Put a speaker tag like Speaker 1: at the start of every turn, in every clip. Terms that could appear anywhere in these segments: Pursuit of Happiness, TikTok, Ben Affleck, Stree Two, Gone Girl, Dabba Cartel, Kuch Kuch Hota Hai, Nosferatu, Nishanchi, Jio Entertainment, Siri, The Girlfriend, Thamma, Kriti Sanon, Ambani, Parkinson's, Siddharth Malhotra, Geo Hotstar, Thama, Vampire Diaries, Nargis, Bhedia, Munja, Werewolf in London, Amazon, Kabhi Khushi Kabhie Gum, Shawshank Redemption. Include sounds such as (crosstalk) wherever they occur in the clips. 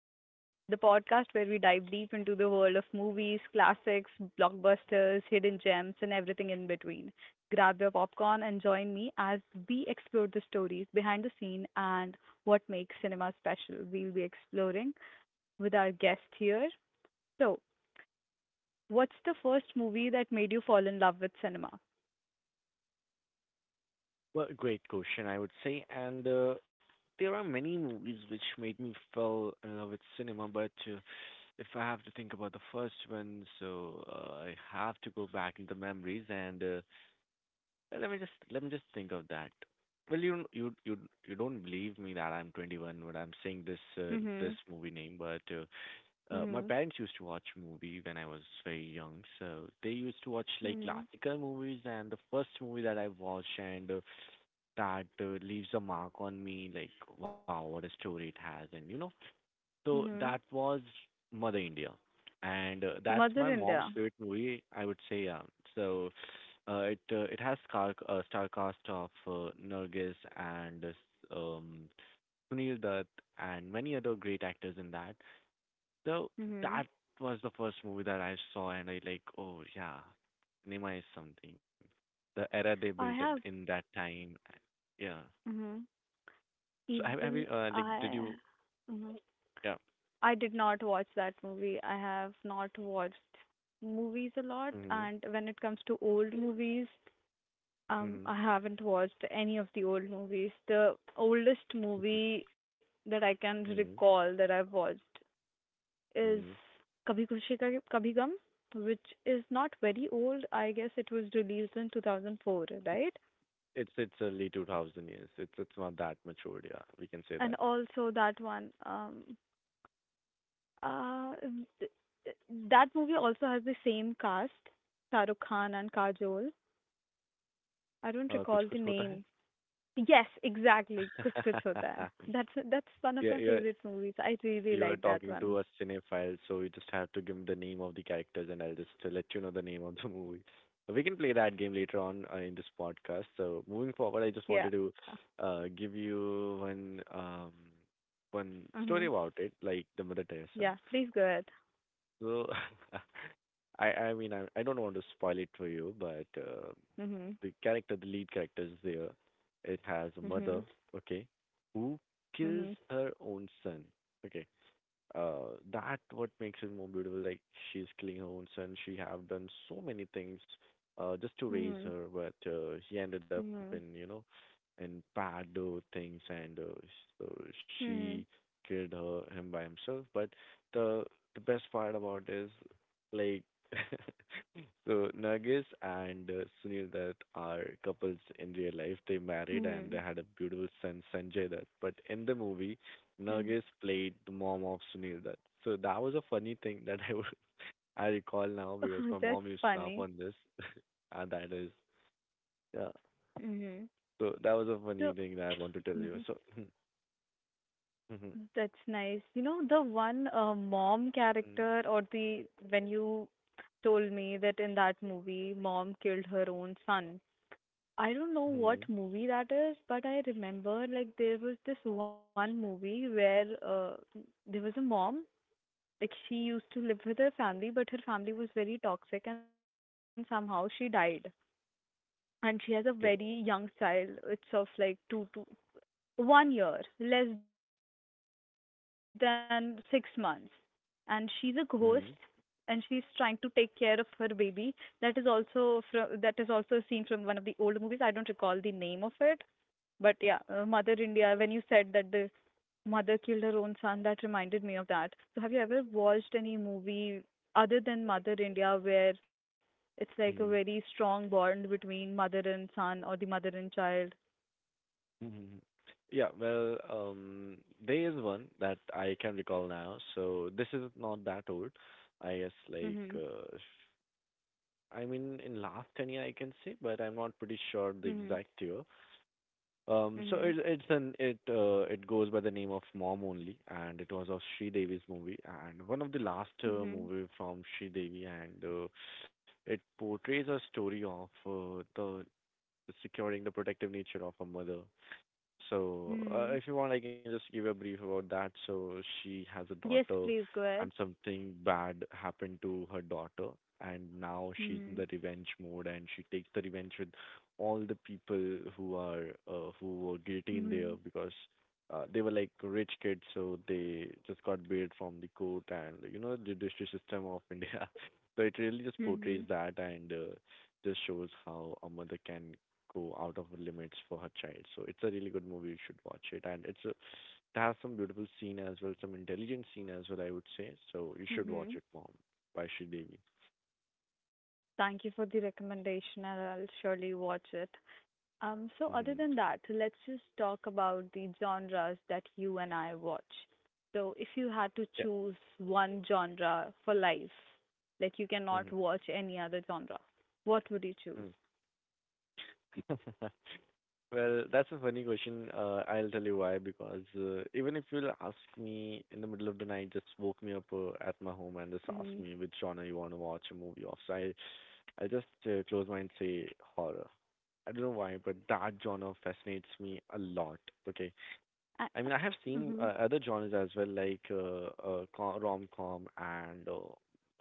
Speaker 1: me, the podcast where we dive deep into the world of movies, classics, blockbusters, hidden gems, and everything in between. Grab your popcorn and join me as we explore the stories behind the scene and what makes cinema special. We'll be exploring with our guest here. So, what's the first movie that made you fall in love with cinema?
Speaker 2: Well, great question, I would say. And there are many movies which made me fall in love with cinema, but if I have to think about the first one, I have to go back in the memories and let me just think of that. Well, you don't believe me that I'm 21 when I'm saying
Speaker 1: Mm.
Speaker 2: this
Speaker 1: Mhm.
Speaker 2: movie name, but my
Speaker 1: Mm.
Speaker 2: parents used to watch movie when I was very young, so they used to watch like
Speaker 1: Mhm.
Speaker 2: classical movies. And the first movie that I watched and that leaves a mark on me, like wow, what a story it has, so
Speaker 1: Mm. Mhm. Mm.
Speaker 2: that
Speaker 1: Mhm.
Speaker 2: was Mother India, and that's
Speaker 1: Mother
Speaker 2: my mom's
Speaker 1: India.
Speaker 2: favorite movie, I would say. Yeah, so it has star cast of Nargis and um, Sunil Dutt and many other great actors in that. So
Speaker 1: Mm. Mhm.
Speaker 2: that was the first movie that I saw, and I like, oh yeah, cinema is something. The era they
Speaker 1: I
Speaker 2: built it
Speaker 1: have.
Speaker 2: in that time, yeah.
Speaker 1: Mm. Mhm.
Speaker 2: So have
Speaker 1: Even
Speaker 2: you like did
Speaker 1: I,
Speaker 2: you
Speaker 1: mhm.
Speaker 2: yeah?
Speaker 1: I did not watch that movie. I have not watched movies a lot,
Speaker 2: Mhm.
Speaker 1: and when it comes to old movies,
Speaker 2: Mhm.
Speaker 1: I haven't watched any of the old movies. The oldest
Speaker 2: (laughs)
Speaker 1: movie that I can
Speaker 2: Mhm.
Speaker 1: recall that I've watched is
Speaker 2: Mhm.
Speaker 1: Kabhi Khushi Kabhi Gum, which is not very old. I guess it was released in 2004, right?
Speaker 2: It's early 2000 years. It's not that matured. Yeah, we can say
Speaker 1: And
Speaker 2: that.
Speaker 1: also that one, uh, that movie also has the same cast, Shah Rukh Khan and Kajol. I don't
Speaker 2: कुछ
Speaker 1: recall
Speaker 2: कुछ
Speaker 1: the
Speaker 2: होता है.
Speaker 1: name. Yes, exactly. Kuch Kuch Hota Hai.
Speaker 2: (laughs)
Speaker 1: That's one of
Speaker 2: Yeah,
Speaker 1: my
Speaker 2: yeah.
Speaker 1: favorite movies. I really
Speaker 2: You are
Speaker 1: like that
Speaker 2: talking
Speaker 1: one.
Speaker 2: to a cinephile, so you just have to give me the name of the characters, and I'll just let you know the name of the (laughs) movie. So we can play that game later on in this podcast. So moving forward, I just
Speaker 1: Yeah.
Speaker 2: wanted to give you one story
Speaker 1: Mhm.
Speaker 2: about it, like the Mother Teresa.
Speaker 1: Yeah. Please go ahead.
Speaker 2: So (laughs) I don't want to spoil it for you, but
Speaker 1: Mhm.
Speaker 2: the character, the lead character is there. It has a mother,
Speaker 1: Mhm.
Speaker 2: okay, who kills
Speaker 1: Mhm.
Speaker 2: her own son. Okay, that what makes it more beautiful, like she's killing her own son, she have done so many things just to raise
Speaker 1: Mhm.
Speaker 2: her but he ended up in you
Speaker 1: Mhm.
Speaker 2: know in bad things and so
Speaker 1: Mhm.
Speaker 2: she killed her him by himself but the the best part about is like (laughs) So Nargis and Sunil that are couples in real life. They married and they
Speaker 1: Mhm.
Speaker 2: had a beautiful son, Sanjay Dutt. But in the movie,
Speaker 1: Mhm.
Speaker 2: Nargis played the mom of Sunil Dutt. So that was a funny thing that (laughs) I would, I recall now
Speaker 1: (laughs)
Speaker 2: because
Speaker 1: Oh,
Speaker 2: my
Speaker 1: that's
Speaker 2: mom used to laugh
Speaker 1: funny.
Speaker 2: on this. (laughs) And that is yeah.
Speaker 1: Mhm.
Speaker 2: So that was a funny
Speaker 1: So.
Speaker 2: thing that I want to tell you.
Speaker 1: Mhm.
Speaker 2: So. (laughs)
Speaker 1: That's nice. You know, the one mom
Speaker 2: Mm-hmm.
Speaker 1: character, or the when you told me that in that movie, mom killed her own son. I don't know what
Speaker 2: Mm-hmm.
Speaker 1: movie that is, but I remember like there was this one movie where there was a mom, like she used to live with her family, but her family was very toxic and somehow she died. And she has a very
Speaker 2: Okay.
Speaker 1: young child. It's of like 2 to 1 year, less than 6 months. And she's a ghost and she's trying to take
Speaker 2: Mm-hmm.
Speaker 1: care of her baby. That is also a scene from one of the old movies. I don't recall the name of it. But yeah, Mother India, when you said that the mother killed her own son, that reminded me of that. So have you ever watched any movie other than Mother India where it's like a very
Speaker 2: Mm-hmm.
Speaker 1: strong bond between mother and son or the mother and child?
Speaker 2: Hmm. Yeah, well, there is one that I can recall now. So this is not that old, I guess.
Speaker 1: Mm-hmm.
Speaker 2: I mean, in last 10 year, I can say, but I'm not pretty sure the exact year. So
Speaker 1: Mm-hmm.
Speaker 2: it, it's an it it goes by the name of Mom Only, and it was a Sri Devi's movie, and one of the last
Speaker 1: Mhm.
Speaker 2: movie from Sri Devi, and it portrays a story of the securing the protective nature of a mother. So,
Speaker 1: Mhm.
Speaker 2: if you want, I can just give a brief about that. So, she has a
Speaker 1: Yes,
Speaker 2: daughter,
Speaker 1: please go
Speaker 2: and
Speaker 1: ahead.
Speaker 2: something bad happened to her daughter, and now she's in
Speaker 1: Mhm.
Speaker 2: the revenge mode, and she takes the revenge with all the people who are who were guilty in there
Speaker 1: Mhm.
Speaker 2: because they were like rich kids, so they just got bailed from the court and you know the judiciary system of (laughs) India. So it really just portrays
Speaker 1: Mhm.
Speaker 2: that and just shows how a mother can go out of her limits for her child. So it's a really good movie. You should watch it, and it's a, it has some beautiful scene as well, some intelligent scene as well, I would say. So you should watch
Speaker 1: Mhm.
Speaker 2: it, Mom, by Sridevi.
Speaker 1: Thank you for the recommendation, and I'll surely watch it. So other
Speaker 2: Mm-hmm.
Speaker 1: than that, let's just talk about the genres that you and I watch. So if you had to
Speaker 2: Yeah.
Speaker 1: choose one genre for life, like you
Speaker 2: Mm-hmm.
Speaker 1: cannot watch any other genre, what would you choose?
Speaker 2: Mm. (laughs) Well, that's a funny question. I'll tell you why. Because even if you'll ask me in the middle of the night, just woke me up at my home and just ask
Speaker 1: Mhm.
Speaker 2: me which genre you want to watch a movie of. So I'll just close mine and say horror. I don't know why, but that genre fascinates me a lot. Okay,
Speaker 1: I-
Speaker 2: I mean I have seen
Speaker 1: Mhm.
Speaker 2: other genres as well, like rom-com and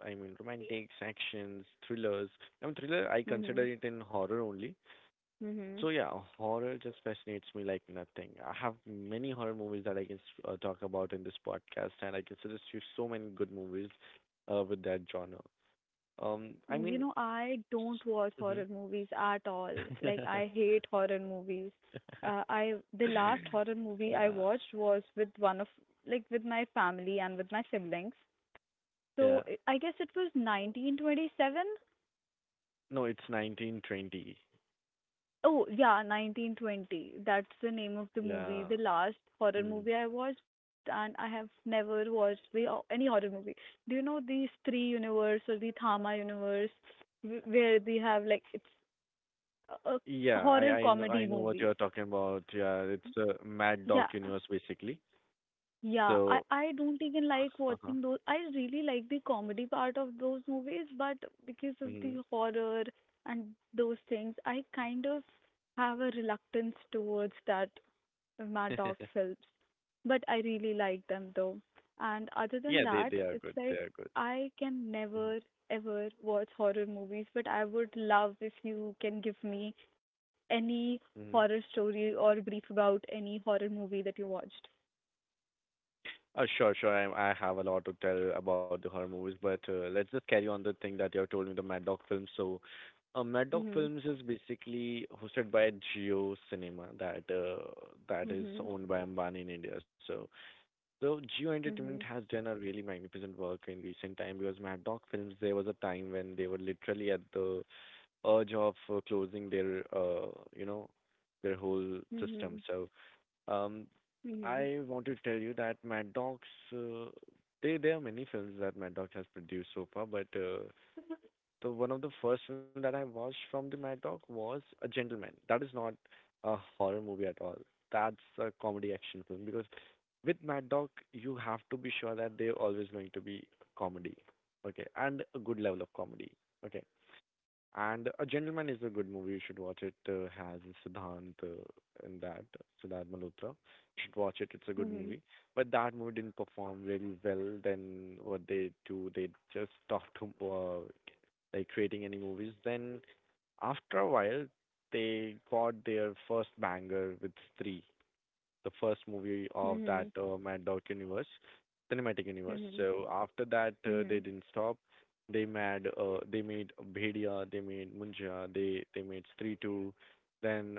Speaker 2: I mean romantics, actions, thrillers. I mean thriller I consider
Speaker 1: Mhm.
Speaker 2: it in horror only.
Speaker 1: Mhm.
Speaker 2: So yeah, horror just fascinates me like nothing. I have many horror movies that I can talk about in this podcast, and I can suggest you so many good movies with that genre. Um, I
Speaker 1: You
Speaker 2: mean,
Speaker 1: know, I don't watch
Speaker 2: mm-hmm.
Speaker 1: horror movies at all. Like,
Speaker 2: (laughs)
Speaker 1: I hate horror movies. I the last horror movie I
Speaker 2: Yeah,
Speaker 1: watched was with one of like with my family and with my siblings.
Speaker 2: yeah.
Speaker 1: So I guess it was 1927.
Speaker 2: No, it's 1920.
Speaker 1: Oh yeah, 1920. That's the name of the movie,
Speaker 2: Yeah.
Speaker 1: the last horror
Speaker 2: Hmm.
Speaker 1: movie I watched, and I have never watched the any horror movie. Do you know the Stree universe or the Thama universe, where they have like it's uh, uh,
Speaker 2: Yeah, I
Speaker 1: horror
Speaker 2: I know
Speaker 1: comedy
Speaker 2: I know what
Speaker 1: movies?
Speaker 2: you're talking about. Yeah, it's the Mad Dog
Speaker 1: Yeah,
Speaker 2: universe basically.
Speaker 1: yeah. I
Speaker 2: So,
Speaker 1: I don't even
Speaker 2: (laughs)
Speaker 1: like
Speaker 2: uh-huh.
Speaker 1: watching those. I really like the comedy part of those movies, but because of
Speaker 2: Hmm.
Speaker 1: the horror and those things, I kind of have a reluctance towards that Mad Dog films,
Speaker 2: (laughs)
Speaker 1: but I really like them though. And other than
Speaker 2: Yeah,
Speaker 1: that,
Speaker 2: they are
Speaker 1: it's
Speaker 2: good. They
Speaker 1: like
Speaker 2: are good.
Speaker 1: I can never ever watch horror movies, but I would love if you can give me any horror
Speaker 2: Mhm.
Speaker 1: story or brief about any horror movie that you watched.
Speaker 2: Sure, sure. I have a lot to tell about the horror movies, but let's just carry on the thing that you have told me, the Mad Dog films. So, Mad Dog
Speaker 1: Mhm.
Speaker 2: films is basically hosted by Jio Cinema, that is
Speaker 1: Mhm.
Speaker 2: owned by Ambani in India. So, so Jio
Speaker 1: Mhm.
Speaker 2: Entertainment has done a really magnificent work in recent time because Mad Dog films, there was a time when they were literally at the urge of closing their, you know, their whole system.
Speaker 1: Mhm.
Speaker 2: So um, I want to tell you that Mad Dogs, uh, there are many films that Mad Dog has produced so far, but the one of the first film that I watched from the Mad Dog was A Gentleman. That is not a horror movie at all. That's a comedy action film because with Mad Dog, you have to be sure that they're always going to be comedy, okay, and a good level of comedy, okay. And A Gentleman is a good movie. You should watch it. Has Siddhant uh, in that, Siddharth Malhotra. You should watch it. It's a good
Speaker 1: Mhm. Mhm.
Speaker 2: movie. But that movie didn't perform really well. Then what they do, they just stopped like creating any movies. Then after a while, they got their first banger with Stree, the first movie of that
Speaker 1: Mhm.
Speaker 2: Mad Dog universe, cinematic universe.
Speaker 1: Mhm.
Speaker 2: So after that, they
Speaker 1: Mhm.
Speaker 2: didn't stop. They made Bhedia, they made Munja, they made Stree Two. Then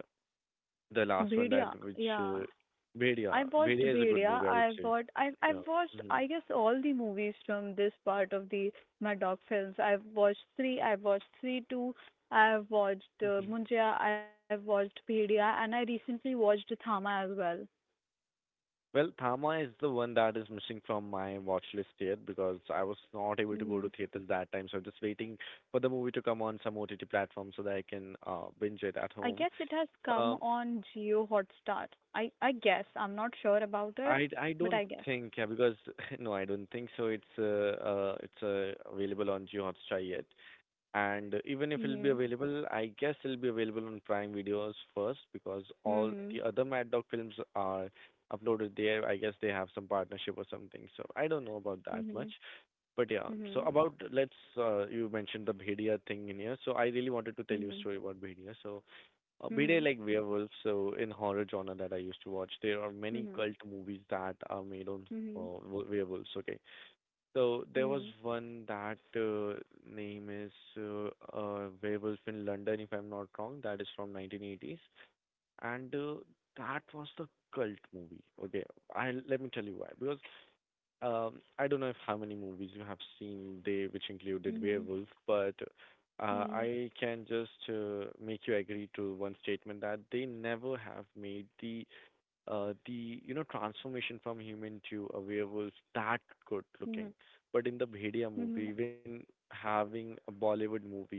Speaker 2: the last one that
Speaker 1: Bhediya,
Speaker 2: which
Speaker 1: yeah.
Speaker 2: Bhedia.
Speaker 1: I've watched
Speaker 2: Bhedia is a good
Speaker 1: Bhedia.
Speaker 2: movie, I would
Speaker 1: I've
Speaker 2: say.
Speaker 1: watched. I've
Speaker 2: Yeah.
Speaker 1: I've watched.
Speaker 2: Hmm.
Speaker 1: I guess all the movies from this part of the Mad Dog films. I've watched three. I've watched three two. I've watched
Speaker 2: Hmm.
Speaker 1: Munjia. I've watched Bhedia, and I recently watched Thama as well.
Speaker 2: Well, Thamma is the one that is missing from my watch list yet because I was not able to go
Speaker 1: hmm
Speaker 2: to theaters that time. So I'm just waiting for the movie to come on some OTT platform so that I can binge it at
Speaker 1: I
Speaker 2: home.
Speaker 1: guess it has come
Speaker 2: Um,
Speaker 1: on Geo Hotstar. I guess I'm not sure about it,
Speaker 2: I
Speaker 1: but
Speaker 2: don't
Speaker 1: I guess.
Speaker 2: think, yeah, because (laughs) no I don't think so it's available on Jio Hotstar yet, and even if it'll be
Speaker 1: Mhm.
Speaker 2: available, I guess it'll be available on Prime Videos first because all the
Speaker 1: Mhm.
Speaker 2: other Mad Dog films are uploaded there. I guess they have some partnership or something, so I don't know about that much.
Speaker 1: Mhm.
Speaker 2: But yeah, so
Speaker 1: Mhm.
Speaker 2: about, let's you mentioned the Bhedia thing in here, so I really wanted to tell you a
Speaker 1: Mhm.
Speaker 2: story about Bhedia. So be they
Speaker 1: Mhm.
Speaker 2: like werewolves, so in horror genre that I used to watch, there are many
Speaker 1: Mhm.
Speaker 2: cult movies that are made on
Speaker 1: Mhm.
Speaker 2: werewolves. Okay, so there was one that name is uh, Werewolf in London, if I'm not wrong. That is from 1980s, and that was the cult movie. Okay, I let me tell you why. Because I don't know if how many movies you have seen they which included
Speaker 1: Mhm. Mhm.
Speaker 2: werewolf, but
Speaker 1: Mhm.
Speaker 2: I can just make you agree to one statement that they never have made the you know transformation from human to a werewolf that good looking.
Speaker 1: Mhm.
Speaker 2: But in the Bhedia movie,
Speaker 1: Mhm.
Speaker 2: even having a Bollywood movie,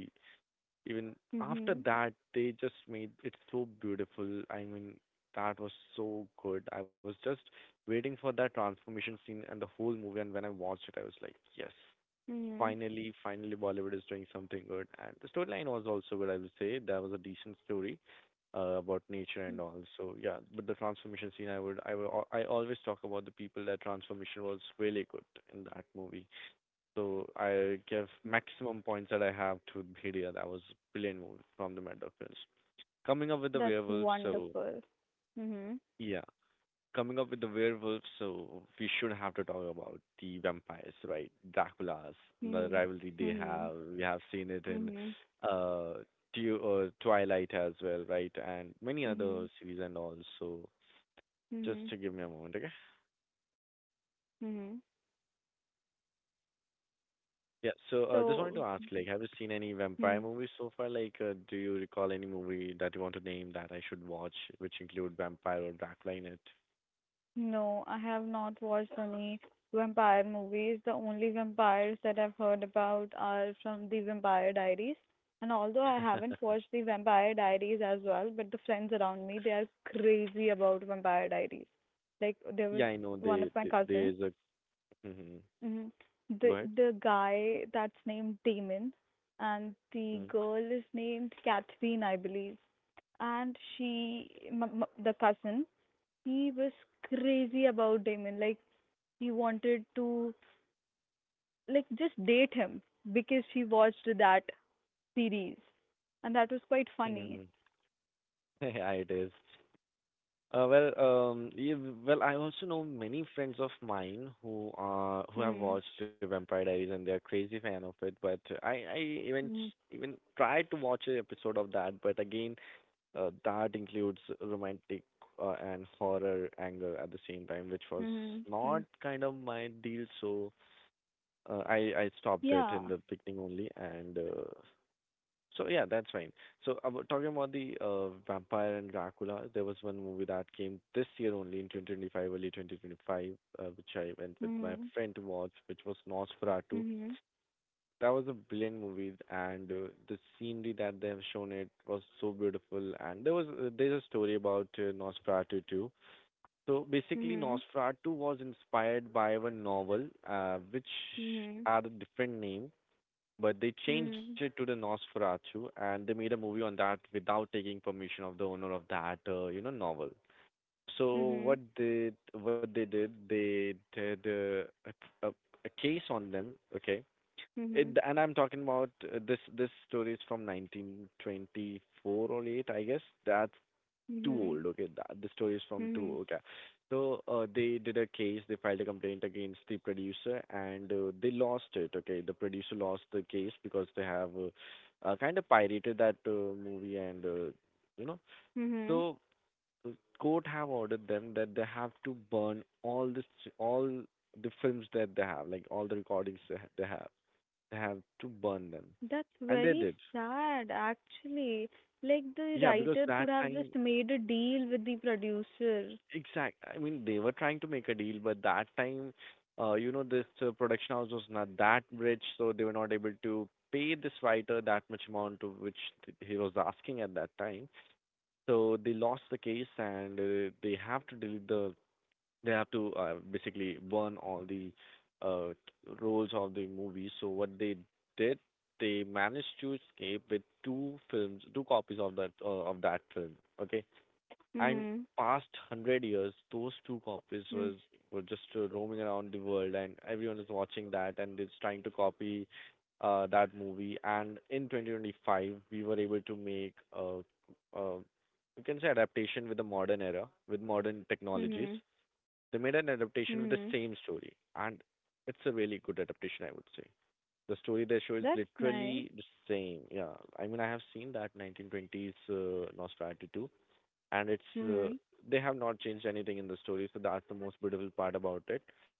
Speaker 2: even after
Speaker 1: Mhm.
Speaker 2: that, they just made it so beautiful. I mean, that was so good. I was just waiting for that transformation scene and the whole movie, and when I watched it, I was like, yes,
Speaker 1: Mhm.
Speaker 2: finally, finally Bollywood is doing something good, and the storyline was also good, I would say. That was a decent story about nature
Speaker 1: Mm.
Speaker 2: and all. So yeah, but the transformation scene, I always talk about the people that transformation was really good in that movie. So I give maximum points that I have to Bhedia. That was brilliant movie from the Mad Dog Films. Coming up with the
Speaker 1: That's
Speaker 2: werewolf, so
Speaker 1: wonderful. Mhm.
Speaker 2: yeah. Coming up with the werewolf, so we should have to talk about the vampires, right? Dracula's, the
Speaker 1: Mhm.
Speaker 2: rivalry they
Speaker 1: Mhm.
Speaker 2: have. We have seen it in
Speaker 1: Mhm.
Speaker 2: uh, Twilight as well, right? And many other
Speaker 1: Mhm.
Speaker 2: series and all. So just
Speaker 1: Mhm.
Speaker 2: to give me a moment, okay?
Speaker 1: Mhm.
Speaker 2: Yeah. So, just wanted
Speaker 1: So,
Speaker 2: to ask, like, have you seen any vampire
Speaker 1: mhm.
Speaker 2: movies so far? Like, do you recall any movie that you want to name that I should watch, which include vampire or Dracula in it?
Speaker 1: no, I have not watched any vampire movies. The only vampires that I've heard about are from the Vampire Diaries. And although I haven't watched
Speaker 2: (laughs)
Speaker 1: the Vampire Diaries as well, but the friends around me, they are crazy about Vampire Diaries. Like there was
Speaker 2: Yeah, I know.
Speaker 1: one of
Speaker 2: They,
Speaker 1: my
Speaker 2: they
Speaker 1: cousins.
Speaker 2: there's a. Hmm.
Speaker 1: hmm The
Speaker 2: Go ahead.
Speaker 1: the guy that's named Damon and the
Speaker 2: Mm.
Speaker 1: girl is named Catherine, I believe. And she, the cousin, he was crazy about Damon. Like he wanted to like just date him because she watched that series, and that was quite funny.
Speaker 2: Mhm. (laughs) Yeah, it is. Well, yeah, well, I also know many friends of mine who have
Speaker 1: Mm-hmm.
Speaker 2: watched The Vampire Diaries, and they're crazy fan of it. But I even
Speaker 1: Mm-hmm.
Speaker 2: even tried to watch an episode of that, but again, that includes romantic and horror anger at the same time, which was not
Speaker 1: Mm-hmm.
Speaker 2: kind of my deal. So I stopped it in
Speaker 1: Yeah.
Speaker 2: the beginning only, and so yeah, that's fine. So talking about the vampire and Dracula, there was one movie that came this year only in 2025, early 2025, which I went with my
Speaker 1: Mm-hmm.
Speaker 2: friend to watch, which was Nosferatu.
Speaker 1: Mm-hmm.
Speaker 2: That was a brilliant movie, and the scenery that they have shown, it was so beautiful. And there's a story about Nosferatu too. So basically,
Speaker 1: Mm-hmm.
Speaker 2: Nosferatu was inspired by a novel, which
Speaker 1: Mm-hmm.
Speaker 2: had a different name, but they changed it to the Nosferatu, and they made a movie on that without taking permission of the owner of that, novel.
Speaker 1: Mm-hmm.
Speaker 2: So
Speaker 1: Mm-hmm.
Speaker 2: what they did a case on them, okay, and I'm talking about this story is from 1924 or 8, I guess. That's too
Speaker 1: Mm-hmm.
Speaker 2: old. Okay, the story is from too
Speaker 1: Mm-hmm.
Speaker 2: okay. So they did a case. They filed a complaint against the producer, and they lost it. Okay, the producer lost the case because they have kind of pirated that movie, and you know.
Speaker 1: Mhm.
Speaker 2: So the court have ordered them that they have to burn all the films that they have, like all the recordings they have to burn them.
Speaker 1: That's
Speaker 2: And they
Speaker 1: very
Speaker 2: did.
Speaker 1: sad, actually. Like the
Speaker 2: Yeah, because
Speaker 1: writer
Speaker 2: that
Speaker 1: could have
Speaker 2: time,
Speaker 1: just made a deal with the producer.
Speaker 2: exact. I mean, they were trying to make a deal, but that time, this production house was not that rich, so they were not able to pay this writer that much amount to which he was asking at that time. So they lost the case, and they have to basically burn all the uh, roles of the movie. So what they did, they managed to escape with two films, two copies of that film. Okay, and
Speaker 1: Mhm.
Speaker 2: past hundred years, those two copies was
Speaker 1: Mhm.
Speaker 2: were just roaming around the world, and everyone is watching that and is trying to copy that movie. And in 2025, we were able to make a you can say adaptation with the modern era with modern technologies.
Speaker 1: Mhm.
Speaker 2: They made an
Speaker 1: Mhm.
Speaker 2: adaptation with the same story, and it's a really good adaptation, I would say. The story they show is
Speaker 1: That's nice.
Speaker 2: literally the same. Yeah, I mean, I have seen that 1920s Nosferatu 2, and it's
Speaker 1: Mhm.
Speaker 2: they have not changed anything in the story, so that's the most beautiful part about it.
Speaker 1: Mhm.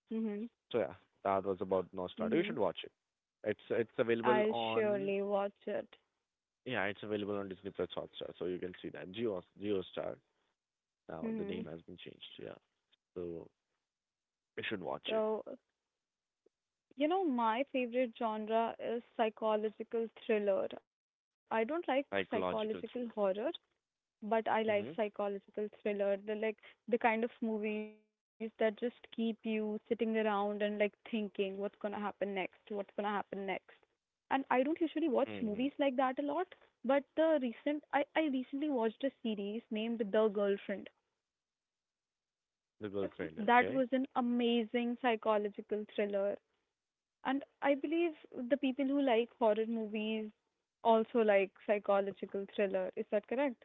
Speaker 2: So yeah, that was about Nosferatu. You
Speaker 1: Mhm.
Speaker 2: should watch it. It's available
Speaker 1: I'll
Speaker 2: on,
Speaker 1: surely watch it.
Speaker 2: yeah, it's available on Disney Plus Hotstar, so you can see that Geo Star. Now the name
Speaker 1: Mhm.
Speaker 2: has been changed. Yeah, so you should watch it.
Speaker 1: So, my favorite genre is psychological thriller. I don't like
Speaker 2: Psychological.
Speaker 1: psychological horror. But
Speaker 2: Mm-hmm.
Speaker 1: I like psychological thriller, the kind of movies that just keep you sitting around and like thinking what's gonna happen next, what's gonna happen next. And I don't usually
Speaker 2: Mm-hmm.
Speaker 1: watch movies like that a lot, but the recent I recently watched a series named The Girlfriend.
Speaker 2: The Girlfriend.
Speaker 1: That
Speaker 2: Okay.
Speaker 1: was an amazing psychological thriller. And I believe the people who like horror movies also like psychological thriller. Is that correct?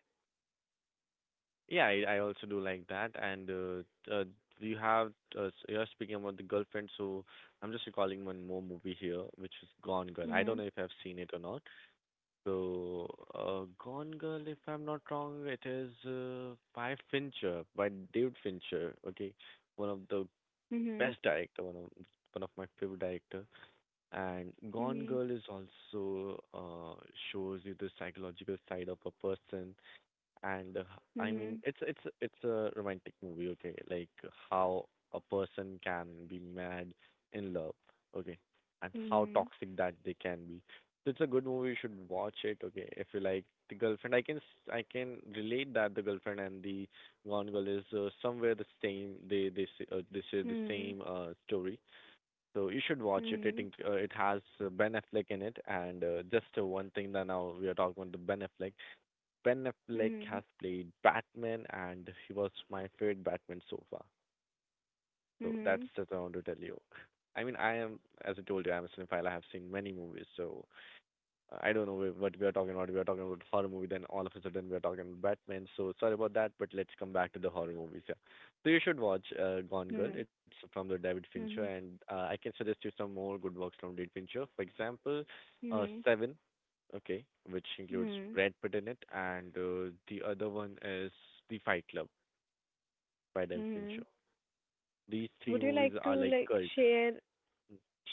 Speaker 2: Yeah, I also do like that. And you have you're speaking about The Girlfriend, so I'm just recalling one more movie here, which is Gone Girl. I don't
Speaker 1: Mhm.
Speaker 2: know if I've seen it or not. So, Gone Girl, if I'm not wrong, it is by David Fincher. Okay, one of the best
Speaker 1: Mhm.
Speaker 2: director, one of my favorite director. And Gone
Speaker 1: Mhm.
Speaker 2: Girl is also shows you the psychological side of a person, and I mean
Speaker 1: Mhm.
Speaker 2: it's a romantic movie, okay, like how a person can be mad in love, okay, and how
Speaker 1: Mhm.
Speaker 2: toxic that they can be. So it's a good movie, you should watch it, okay? If you like The Girlfriend, I can relate that The Girlfriend and the Gone Girl is somewhere the same. They share the
Speaker 1: Mhm.
Speaker 2: same story, so you should watch it. It
Speaker 1: Mhm.
Speaker 2: inc- uh, it has Ben Affleck in it, and just one thing that now we are talking about the Ben Affleck. Ben Affleck
Speaker 1: Mhm.
Speaker 2: has played Batman, and he was my favorite Batman so far. So that's
Speaker 1: Mhm.
Speaker 2: just I want to tell you. I mean, I am, as I told you, I'm a cinephile. I have seen many movies, so I don't know what we are talking about. We are talking about horror movie, then all of a sudden we are talking about Batman. So sorry about that, but let's come back to the horror movies. Yeah. So you should watch Gone Girl.
Speaker 1: Mhm.
Speaker 2: It's from the David Fincher,
Speaker 1: Mhm.
Speaker 2: and I can suggest you some more good works from David Fincher. For example,
Speaker 1: Mhm.
Speaker 2: Seven, okay, which includes
Speaker 1: Mhm.
Speaker 2: Brad Pitt in it, and the other one is The Fight Club by David
Speaker 1: Mhm.
Speaker 2: Fincher. These three
Speaker 1: Would you
Speaker 2: movies
Speaker 1: like
Speaker 2: are
Speaker 1: to
Speaker 2: like
Speaker 1: like
Speaker 2: cult.
Speaker 1: share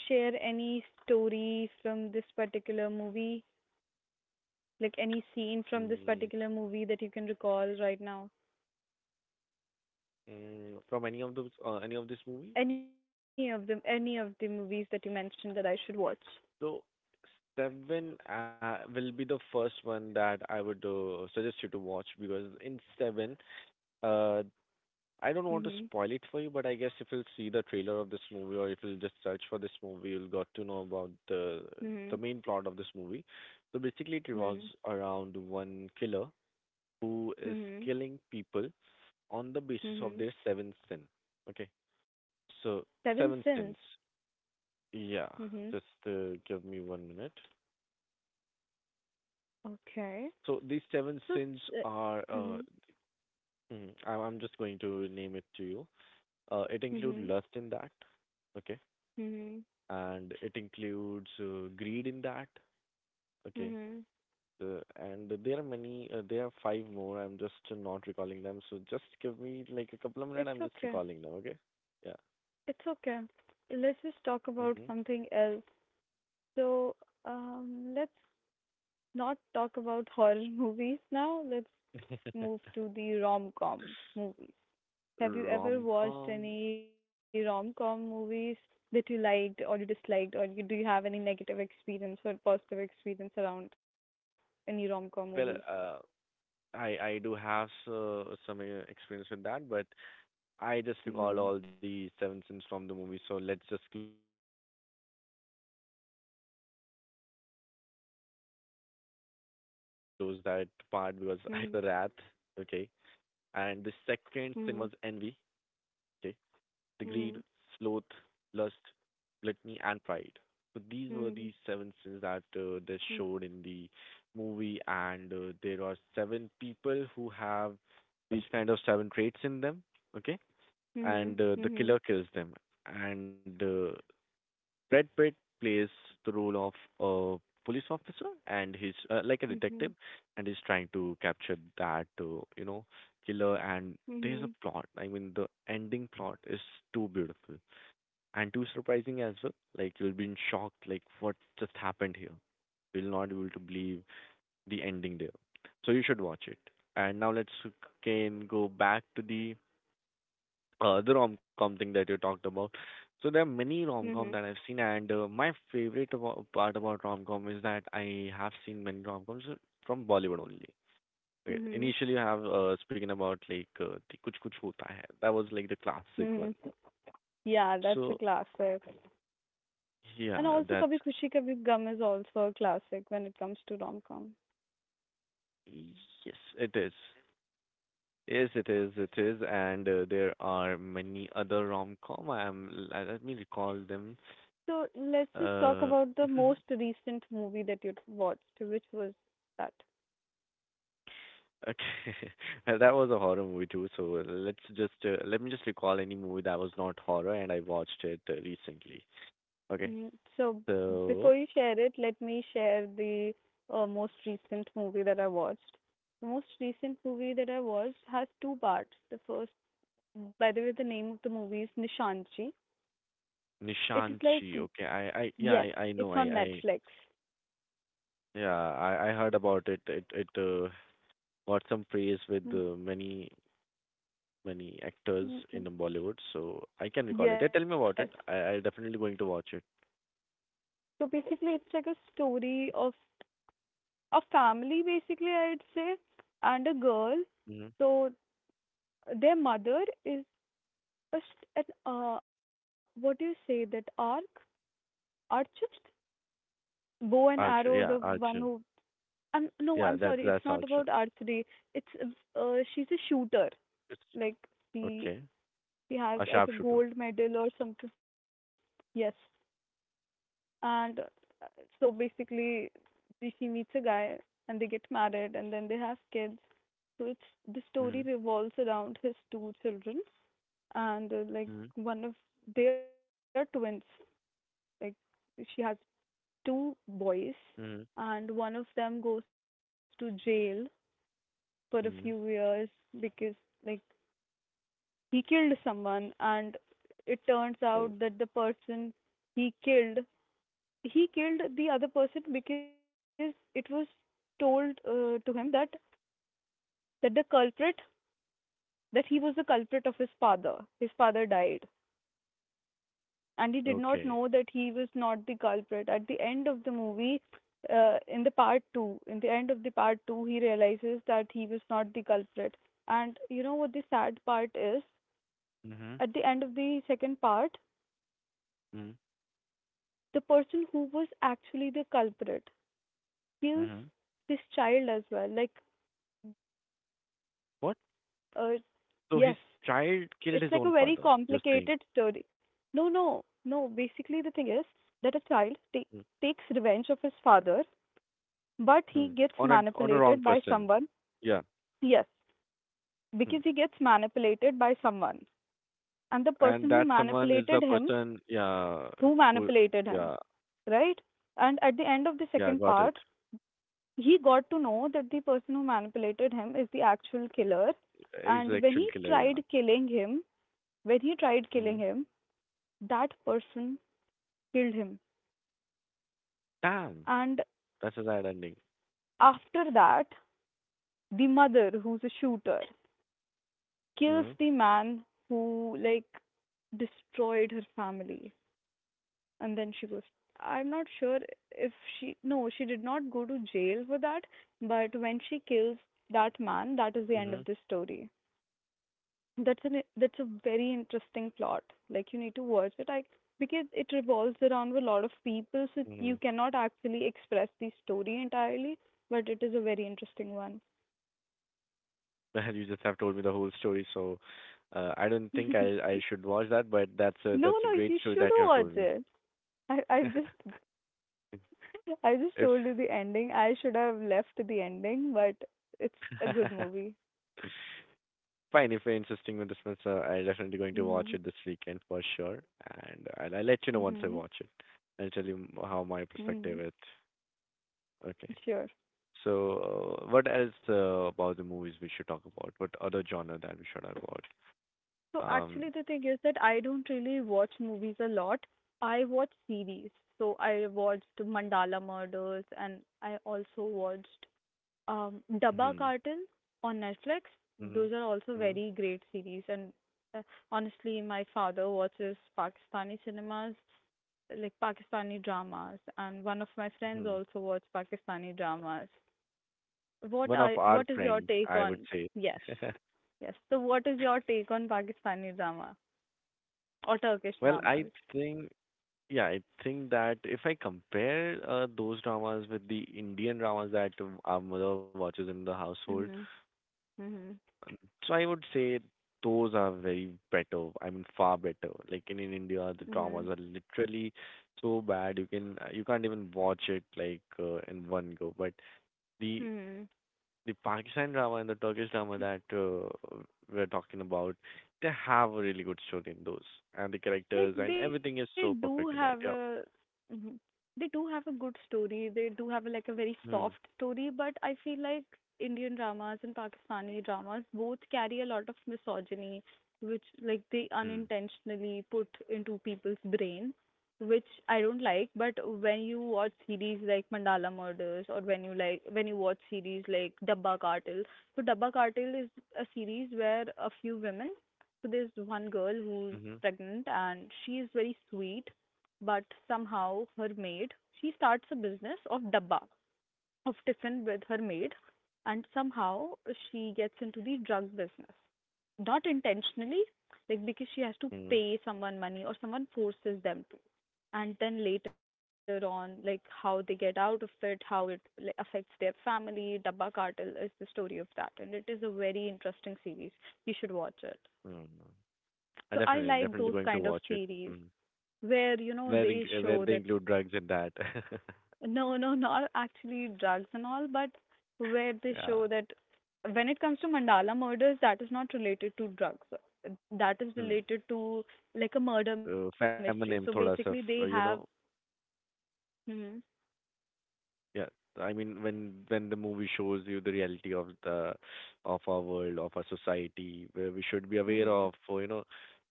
Speaker 1: share any story from this particular movie? Like any scene from this
Speaker 2: Mm,
Speaker 1: particular movie that you can recall right now?
Speaker 2: from any of those, any of this movie?
Speaker 1: Any of the movies that you mentioned that I should watch?
Speaker 2: So Seven will be the first one that I would suggest you to watch because in Seven, uh,
Speaker 1: Mhm.
Speaker 2: I don't want to spoil it for you, but I guess if you'll see the trailer of this movie or if you'll just search for this movie, you'll got to know about
Speaker 1: Mhm.
Speaker 2: the main plot of this movie. So basically, it revolves
Speaker 1: Mhm.
Speaker 2: around one killer who is
Speaker 1: Mhm.
Speaker 2: killing people on the basis of
Speaker 1: Mhm.
Speaker 2: their seven sin. Okay,
Speaker 1: Seven
Speaker 2: so
Speaker 1: Sins.
Speaker 2: seven sins. Yeah,
Speaker 1: Mhm.
Speaker 2: just give me 1 minute.
Speaker 1: Okay.
Speaker 2: So these seven
Speaker 1: So,
Speaker 2: sins are,
Speaker 1: uh, mhm.
Speaker 2: I'm just going to name it to you. It includes
Speaker 1: Mhm.
Speaker 2: lust in that, okay,
Speaker 1: Mhm.
Speaker 2: and it includes greed in that, okay,
Speaker 1: Mhm.
Speaker 2: and there are five more. I'm just not recalling them. So just give me like a couple of minutes.
Speaker 1: It's
Speaker 2: I'm just
Speaker 1: okay.
Speaker 2: recalling them, okay? Yeah.
Speaker 1: It's okay. Let's just talk about
Speaker 2: Hmm.
Speaker 1: something else. So, let's not talk about horror (laughs) movies now. Let's move to the rom-com movies. Have you
Speaker 2: (laughs)
Speaker 1: ever watched
Speaker 2: Rom-com.
Speaker 1: any rom-com movies that you liked or you disliked, or do you have any negative experience or positive experience around any rom-com movies?
Speaker 2: Well, I do have some experience with that, but I just recall
Speaker 1: Mhm.
Speaker 2: all the seven sins from the movie, so let's just close that part
Speaker 1: Mhm.
Speaker 2: because (laughs) I can't continue without talking about seven.
Speaker 1: Yes,
Speaker 2: So
Speaker 1: please. Go
Speaker 2: the
Speaker 1: ahead.
Speaker 2: first one is the wrath, okay, and the second sin was envy,
Speaker 1: Mhm.
Speaker 2: okay, the greed, sloth, lust, gluttony, and pride. So these were the
Speaker 1: Mhm.
Speaker 2: seven sins that they
Speaker 1: Mhm.
Speaker 2: showed in the movie, and there are seven people who have these kind of seven traits in them, okay, and
Speaker 1: Mhm,
Speaker 2: the killer
Speaker 1: mhm,
Speaker 2: kills them. And Brad Pitt plays the role of a police officer, and he's like a
Speaker 1: mhm,
Speaker 2: detective, and he's trying to capture that killer. And there's a
Speaker 1: mhm,
Speaker 2: plot. I mean, the ending plot is too beautiful and too surprising as well. Like you'll be in shock, like what just happened here. You'll not be able to believe the ending there. So you should watch it. And now let's again go back to the rom-com thing that you talked about. So there are many
Speaker 1: mhm,
Speaker 2: rom-com that I've seen, and my favorite part about rom-com is that I have seen many rom-coms from Bollywood only. Okay,
Speaker 1: mhm,
Speaker 2: initially, I have speaking about like the Kuch Kuch Hota Hai. That was like the classic one.
Speaker 1: mhm. Yeah, that's a
Speaker 2: So
Speaker 1: classic. And
Speaker 2: yeah,
Speaker 1: also
Speaker 2: that's
Speaker 1: Kabhi Khushi Kabhi Gum is also a classic when it comes to rom-com.
Speaker 2: yes, it is. Yes, it is. It is, and there are many other rom-com. I'm let me recall them.
Speaker 1: So let's just talk
Speaker 2: Uh,
Speaker 1: about the most
Speaker 2: (laughs)
Speaker 1: recent movie that you watched, which was that.
Speaker 2: Okay. (laughs) That was a horror movie too, so let me just recall any movie that was not horror and I watched it recently. Okay.
Speaker 1: Mm, So
Speaker 2: So
Speaker 1: before you share it, let me share the most recent movie that I watched. The most recent movie that I watched has two parts. The first, by the way, the name of the movie is Nishanchi. It is like,
Speaker 2: Nishanchi. Okay. I yeah,
Speaker 1: yes,
Speaker 2: I know.
Speaker 1: it's
Speaker 2: I
Speaker 1: on
Speaker 2: I
Speaker 1: Netflix.
Speaker 2: yeah, I heard about it. It got some praise with many actors in
Speaker 1: Mm-mm.
Speaker 2: Bollywood, so I can recall it.
Speaker 1: Yes.
Speaker 2: Yeah, tell me about it. I definitely going to watch it.
Speaker 1: So basically, it's like a story of a family, basically, I'd say, and a girl.
Speaker 2: Hmm.
Speaker 1: So their mother is a an what do you say, that archist, bow and
Speaker 2: Archer.
Speaker 1: arrow, the
Speaker 2: Yeah,
Speaker 1: one
Speaker 2: Archer.
Speaker 1: who, no,
Speaker 2: Yeah,
Speaker 1: I'm
Speaker 2: that's
Speaker 1: sorry, it's
Speaker 2: that's
Speaker 1: not
Speaker 2: Archer.
Speaker 1: about archery. It's, she's a shooter.
Speaker 2: It's
Speaker 1: Like, she
Speaker 2: okay.
Speaker 1: she has
Speaker 2: A
Speaker 1: like a
Speaker 2: sharpshooter.
Speaker 1: gold medal or something. Yes. And so basically, she meets a guy and they get married and then they have kids. So it's the story
Speaker 2: Mm-hmm.
Speaker 1: revolves around his two children, and like
Speaker 2: Mm-hmm.
Speaker 1: one of they are twins. Like she has two boys,
Speaker 2: Mhm.
Speaker 1: and one of them goes to jail for a few years
Speaker 2: Mhm.
Speaker 1: because like he killed someone, and it turns
Speaker 2: Oh,
Speaker 1: out that the person he killed he killed the other person because it was told to him that that the culprit that he was the culprit of his father. His father died, and he did
Speaker 2: okay.
Speaker 1: not know that he was not the culprit. At the end of the movie, in the part 2, in the end of the part 2, he realizes that he was not the culprit. And you know what the sad part is,
Speaker 2: Mhm.
Speaker 1: at the end of the second part,
Speaker 2: Mhm.
Speaker 1: the person who was actually the culprit kills
Speaker 2: Mhm.
Speaker 1: this child as well. like
Speaker 2: What?
Speaker 1: Uh,
Speaker 2: So his
Speaker 1: yes,
Speaker 2: child
Speaker 1: it's
Speaker 2: killed his
Speaker 1: like a
Speaker 2: own
Speaker 1: very
Speaker 2: father. You're saying?
Speaker 1: complicated story. No, no, no. Basically, the thing is that a child
Speaker 2: Mm.
Speaker 1: takes revenge of his father, but he
Speaker 2: Mm.
Speaker 1: gets
Speaker 2: On a wrong
Speaker 1: manipulated by
Speaker 2: person.
Speaker 1: someone.
Speaker 2: Yeah.
Speaker 1: Yes,
Speaker 2: Mm.
Speaker 1: because he gets manipulated by someone, and the
Speaker 2: And
Speaker 1: person
Speaker 2: that someone is the person. Yeah.
Speaker 1: who
Speaker 2: Who?
Speaker 1: manipulated him,
Speaker 2: Yeah.
Speaker 1: right? And at the end of the
Speaker 2: Yeah.
Speaker 1: second
Speaker 2: Got it.
Speaker 1: part, he got to know that the person who manipulated him is the actual killer.
Speaker 2: He's the
Speaker 1: And when
Speaker 2: actual
Speaker 1: he
Speaker 2: killer. Yeah.
Speaker 1: tried killing him, when he tried killing
Speaker 2: Mm.
Speaker 1: him, that person killed him.
Speaker 2: Damn.
Speaker 1: And
Speaker 2: That's a sad ending.
Speaker 1: after that, the mother, who's a shooter, kills
Speaker 2: Mhm.
Speaker 1: the man who, like, destroyed her family. And then she goes, I'm not sure if she, no, she did not go to jail for that, but when she kills that man, that is the end
Speaker 2: Mhm.
Speaker 1: of the story. That's a very interesting plot. Like you need to watch it. I because it revolves around a lot of people, so you
Speaker 2: Mhm.
Speaker 1: cannot actually express the story entirely. But it is a very interesting one.
Speaker 2: Well, (laughs) you just have told me the whole story, so I don't think I
Speaker 1: (laughs)
Speaker 2: I should watch that, but that's a
Speaker 1: No,
Speaker 2: that's a
Speaker 1: no,
Speaker 2: great
Speaker 1: you
Speaker 2: story
Speaker 1: should
Speaker 2: that you have told
Speaker 1: watch
Speaker 2: me.
Speaker 1: it. I I just
Speaker 2: (laughs)
Speaker 1: I just
Speaker 2: If
Speaker 1: told you the ending. I should have left the ending, but it's a good
Speaker 2: (laughs)
Speaker 1: movie.
Speaker 2: fine, if you're insisting with this one, so I'm definitely going to watch
Speaker 1: Mhm.
Speaker 2: it this weekend for sure, and I'll
Speaker 1: Mhm.
Speaker 2: let you know once I watch it. I'll tell you how
Speaker 1: Mhm.
Speaker 2: my perspective is. Okay.
Speaker 1: Sure.
Speaker 2: So, what else about the movies we should talk about? What other genre that we should talk about?
Speaker 1: So
Speaker 2: Um,
Speaker 1: actually, the thing is that I don't really watch movies a lot. I watch series. So I watched Mandala Murders and I also watched Dabba
Speaker 2: hmm,
Speaker 1: Cartel on Netflix.
Speaker 2: hmm,
Speaker 1: Those are also
Speaker 2: hmm,
Speaker 1: very great series. And uh, honestly, my father watches Pakistani cinemas, like Pakistani dramas, and one of my friends
Speaker 2: hmm.
Speaker 1: also watch Pakistani dramas. What
Speaker 2: One of
Speaker 1: I
Speaker 2: our
Speaker 1: what is your
Speaker 2: friend,
Speaker 1: take
Speaker 2: I would
Speaker 1: on
Speaker 2: say.
Speaker 1: yes,
Speaker 2: (laughs)
Speaker 1: yes. So what is your take on Pakistani drama? Or Turkish
Speaker 2: Well, I
Speaker 1: dramas.
Speaker 2: think Yeah, I think that if I compare those dramas with the Indian dramas that our mother watches in the household,
Speaker 1: Mhm. Mhm.
Speaker 2: so I would say those are very better. I mean, far better. Like in India, the dramas
Speaker 1: Mhm.
Speaker 2: are literally so bad you can't even watch it like in one go. But the
Speaker 1: Mhm.
Speaker 2: the Pakistan drama and the Turkish drama that we're talking about, they have a really good story in those, and the
Speaker 1: Like
Speaker 2: characters and
Speaker 1: they
Speaker 2: everything
Speaker 1: do
Speaker 2: is so
Speaker 1: have
Speaker 2: perfect
Speaker 1: a.
Speaker 2: in that. Yeah.
Speaker 1: Mhm. They do have a good story. They do have a, like a very
Speaker 2: Hmm.
Speaker 1: soft story, but I feel like Indian dramas and Pakistani dramas both carry a lot of misogyny, which like they
Speaker 2: Hmm.
Speaker 1: unintentionally put into people's brain, which I don't like. But when you watch series like Mandala Murders or when you watch series like Dabba Cartel, so Dabba Cartel is a series where a few women, so there's one girl who's
Speaker 2: Mm-hmm.
Speaker 1: pregnant and she is very sweet, but somehow her maid, she starts a business of dabba, of tiffin with her maid, and somehow she gets into the drug business, not intentionally, like because she has to
Speaker 2: Mm-hmm.
Speaker 1: pay someone money or someone forces them to, and then later on, like how they get out of it, how it, like, affects their family. Dabba cartel is the story of that, and it is a very interesting series. You should watch it.
Speaker 2: Mm-hmm. I
Speaker 1: So I
Speaker 2: definitely,
Speaker 1: like
Speaker 2: definitely
Speaker 1: those
Speaker 2: going to
Speaker 1: kind of
Speaker 2: watch it.
Speaker 1: series
Speaker 2: Mm.
Speaker 1: where you know they
Speaker 2: Where
Speaker 1: show
Speaker 2: they
Speaker 1: that.
Speaker 2: include drugs in that. (laughs)
Speaker 1: No, no, not actually drugs and all, but where they show
Speaker 2: Yeah.
Speaker 1: that when it comes to Mandala murders, that is not related to drugs. That is
Speaker 2: Hmm.
Speaker 1: related to like a murder mystery.
Speaker 2: So,
Speaker 1: So
Speaker 2: Family
Speaker 1: basically,
Speaker 2: name, thoda
Speaker 1: they
Speaker 2: थोड़ा सा
Speaker 1: have.
Speaker 2: you know.
Speaker 1: Hmm.
Speaker 2: Yeah. I mean, when the movie shows you the reality of the of our world, of our society, where we should be aware
Speaker 1: Hmm.
Speaker 2: of, you know,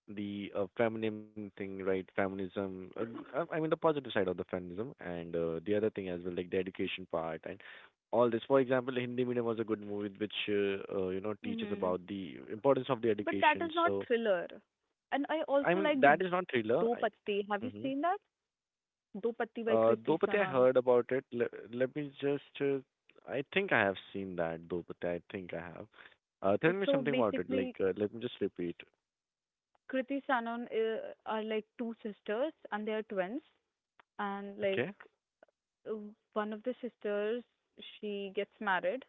Speaker 2: the feminine thing, right? Feminism. I mean, the positive side of the feminism, and the other thing as well, like the education part and all this. For example, Hindi Medium was a good movie which you know teaches
Speaker 1: Hmm.
Speaker 2: about the importance of the
Speaker 1: But that
Speaker 2: education.
Speaker 1: is not
Speaker 2: So
Speaker 1: thriller. And I
Speaker 2: I
Speaker 1: also
Speaker 2: mean,
Speaker 1: like the
Speaker 2: that is
Speaker 1: Do
Speaker 2: not
Speaker 1: Patti.
Speaker 2: thriller.
Speaker 1: Have
Speaker 2: I.
Speaker 1: you seen that?
Speaker 2: Mm-hmm.
Speaker 1: Do Patti by Kriti
Speaker 2: Dopate,
Speaker 1: Sanon.
Speaker 2: I heard about it. Let me just. I think I have seen that Dopate. I think I have. Tell me
Speaker 1: So
Speaker 2: something about it. Like,
Speaker 1: basically,
Speaker 2: let me just repeat.
Speaker 1: Kriti Sanon are like two sisters and they are twins. And like
Speaker 2: Okay.
Speaker 1: uh, one of the sisters, she gets married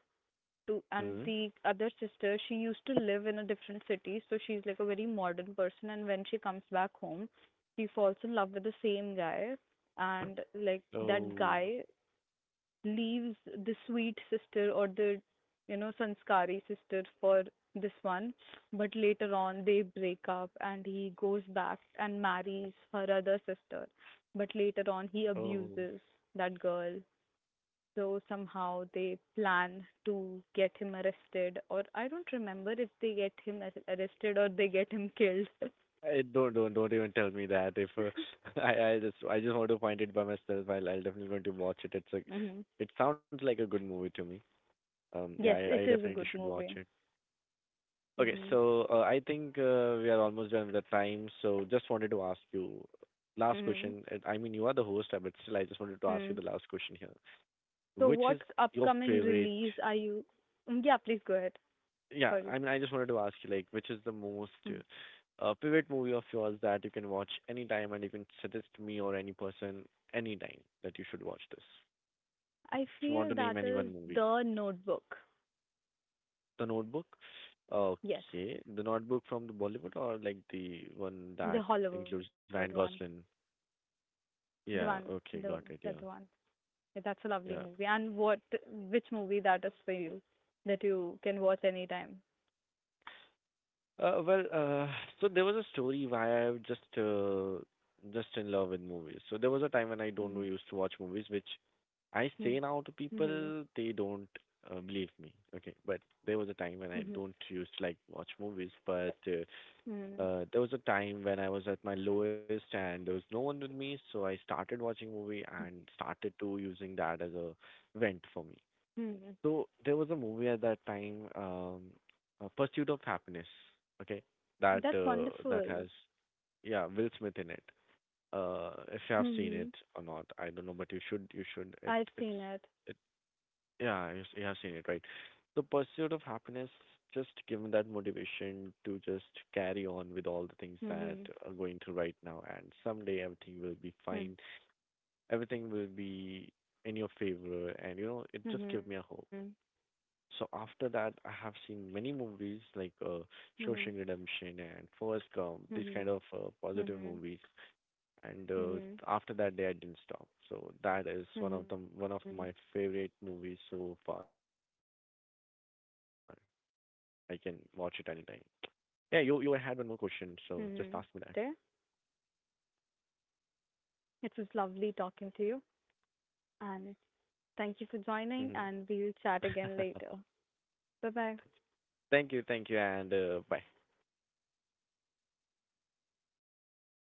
Speaker 1: to, and
Speaker 2: Hmm.
Speaker 1: the other sister, she used to live in a different city, so she's like a very modern person, and when she comes back home, she falls in love with the same guy, and like that
Speaker 2: Oh.
Speaker 1: guy leaves the sweet sister, or the, you know, sanskari sister for this one, but later on they break up and he goes back and marries her other sister, but later on he
Speaker 2: Oh.
Speaker 1: abuses that girl, so somehow they plan to get him arrested, or I don't remember if they get him arrested or they get him killed. (laughs)
Speaker 2: I don't even tell me that. If (laughs) I just want to find it by myself. I'll definitely going to watch it. It's a.
Speaker 1: Hmm.
Speaker 2: It sounds like a good movie to me. Yeah.
Speaker 1: Yes,
Speaker 2: I
Speaker 1: it is a
Speaker 2: definitely
Speaker 1: good
Speaker 2: should watch
Speaker 1: movie.
Speaker 2: it. Okay.
Speaker 1: Hmm.
Speaker 2: So, I think we are almost done with the time, so just wanted to ask you last
Speaker 1: Hmm.
Speaker 2: question. And I mean, you are the host, but still, I just wanted to ask you
Speaker 1: Hmm.
Speaker 2: the last question here.
Speaker 1: So
Speaker 2: Which
Speaker 1: what
Speaker 2: is your
Speaker 1: upcoming
Speaker 2: favorite?
Speaker 1: release are you? Mm, yeah, please go ahead.
Speaker 2: Yeah,
Speaker 1: Sorry.
Speaker 2: I mean, I just wanted to ask you, like, which is the most
Speaker 1: Mm.
Speaker 2: favorite movie of yours that you can watch anytime and you can suggest me or any person anytime that you should watch this?
Speaker 1: I
Speaker 2: If you want
Speaker 1: feel
Speaker 2: to name
Speaker 1: that
Speaker 2: any
Speaker 1: is
Speaker 2: one movie.
Speaker 1: The Notebook.
Speaker 2: The Notebook?
Speaker 1: Yes,
Speaker 2: Okay. The Notebook from the Bollywood or like the one
Speaker 1: the
Speaker 2: that
Speaker 1: Hollywood
Speaker 2: includes Ryan Gosling? Yeah.
Speaker 1: one,
Speaker 2: Okay.
Speaker 1: the
Speaker 2: Got it.
Speaker 1: that
Speaker 2: Yeah.
Speaker 1: one. Yeah, that's a lovely
Speaker 2: Yeah.
Speaker 1: movie. And what, which movie that is for you that you can watch anytime?
Speaker 2: Uh, well, uh, so there was a story why I was just in love with movies. So there was a time when I don't know
Speaker 1: Mhm.
Speaker 2: used to watch movies, which I say
Speaker 1: Mhm.
Speaker 2: now to
Speaker 1: Mhm.
Speaker 2: people they don't believe me. Okay, but there was a time when I
Speaker 1: Mhm.
Speaker 2: don't used to like watch movies, but
Speaker 1: Mhm.
Speaker 2: there was a time when I was at my lowest and there was no one with me, so I started watching movie
Speaker 1: Mhm.
Speaker 2: and started to using that as a vent for me.
Speaker 1: Mhm.
Speaker 2: So there was a movie at that time, Pursuit of Happiness. Okay, that
Speaker 1: That's
Speaker 2: that
Speaker 1: wonderful.
Speaker 2: has yeah Will Smith in it. If you have seen it
Speaker 1: Hmm.
Speaker 2: or not, I don't know, but you should it
Speaker 1: I've
Speaker 2: it's
Speaker 1: seen it.
Speaker 2: it Yeah you have seen it right. The Pursuit of Happiness just given that motivation to just carry on with all the things that
Speaker 1: Hmm.
Speaker 2: are going through right now, and someday everything will be
Speaker 1: Hmm.
Speaker 2: fine. Everything will be in your favor, and you know it just gave me
Speaker 1: Hmm.
Speaker 2: a hope. So after that, I have seen many movies like
Speaker 1: Hmm. Hmm.
Speaker 2: Shawshank Redemption and Forrest Gump, these kind of positive
Speaker 1: Hmm.
Speaker 2: movies. And
Speaker 1: Hmm.
Speaker 2: after that day, I didn't stop. So that is
Speaker 1: Hmm.
Speaker 2: one of my favorite movies so far. I can watch it anytime.
Speaker 1: Hmm.
Speaker 2: Yeah,
Speaker 1: That's
Speaker 2: you
Speaker 1: great.
Speaker 2: had one more question,
Speaker 1: So let's
Speaker 2: so
Speaker 1: just
Speaker 2: just
Speaker 1: wrap
Speaker 2: ask
Speaker 1: up
Speaker 2: me that.
Speaker 1: for today. It was lovely talking to you, and thank you for joining. And we'll chat
Speaker 2: Hmm.
Speaker 1: again
Speaker 2: (laughs)
Speaker 1: later. Bye bye.
Speaker 2: Thank you, and bye.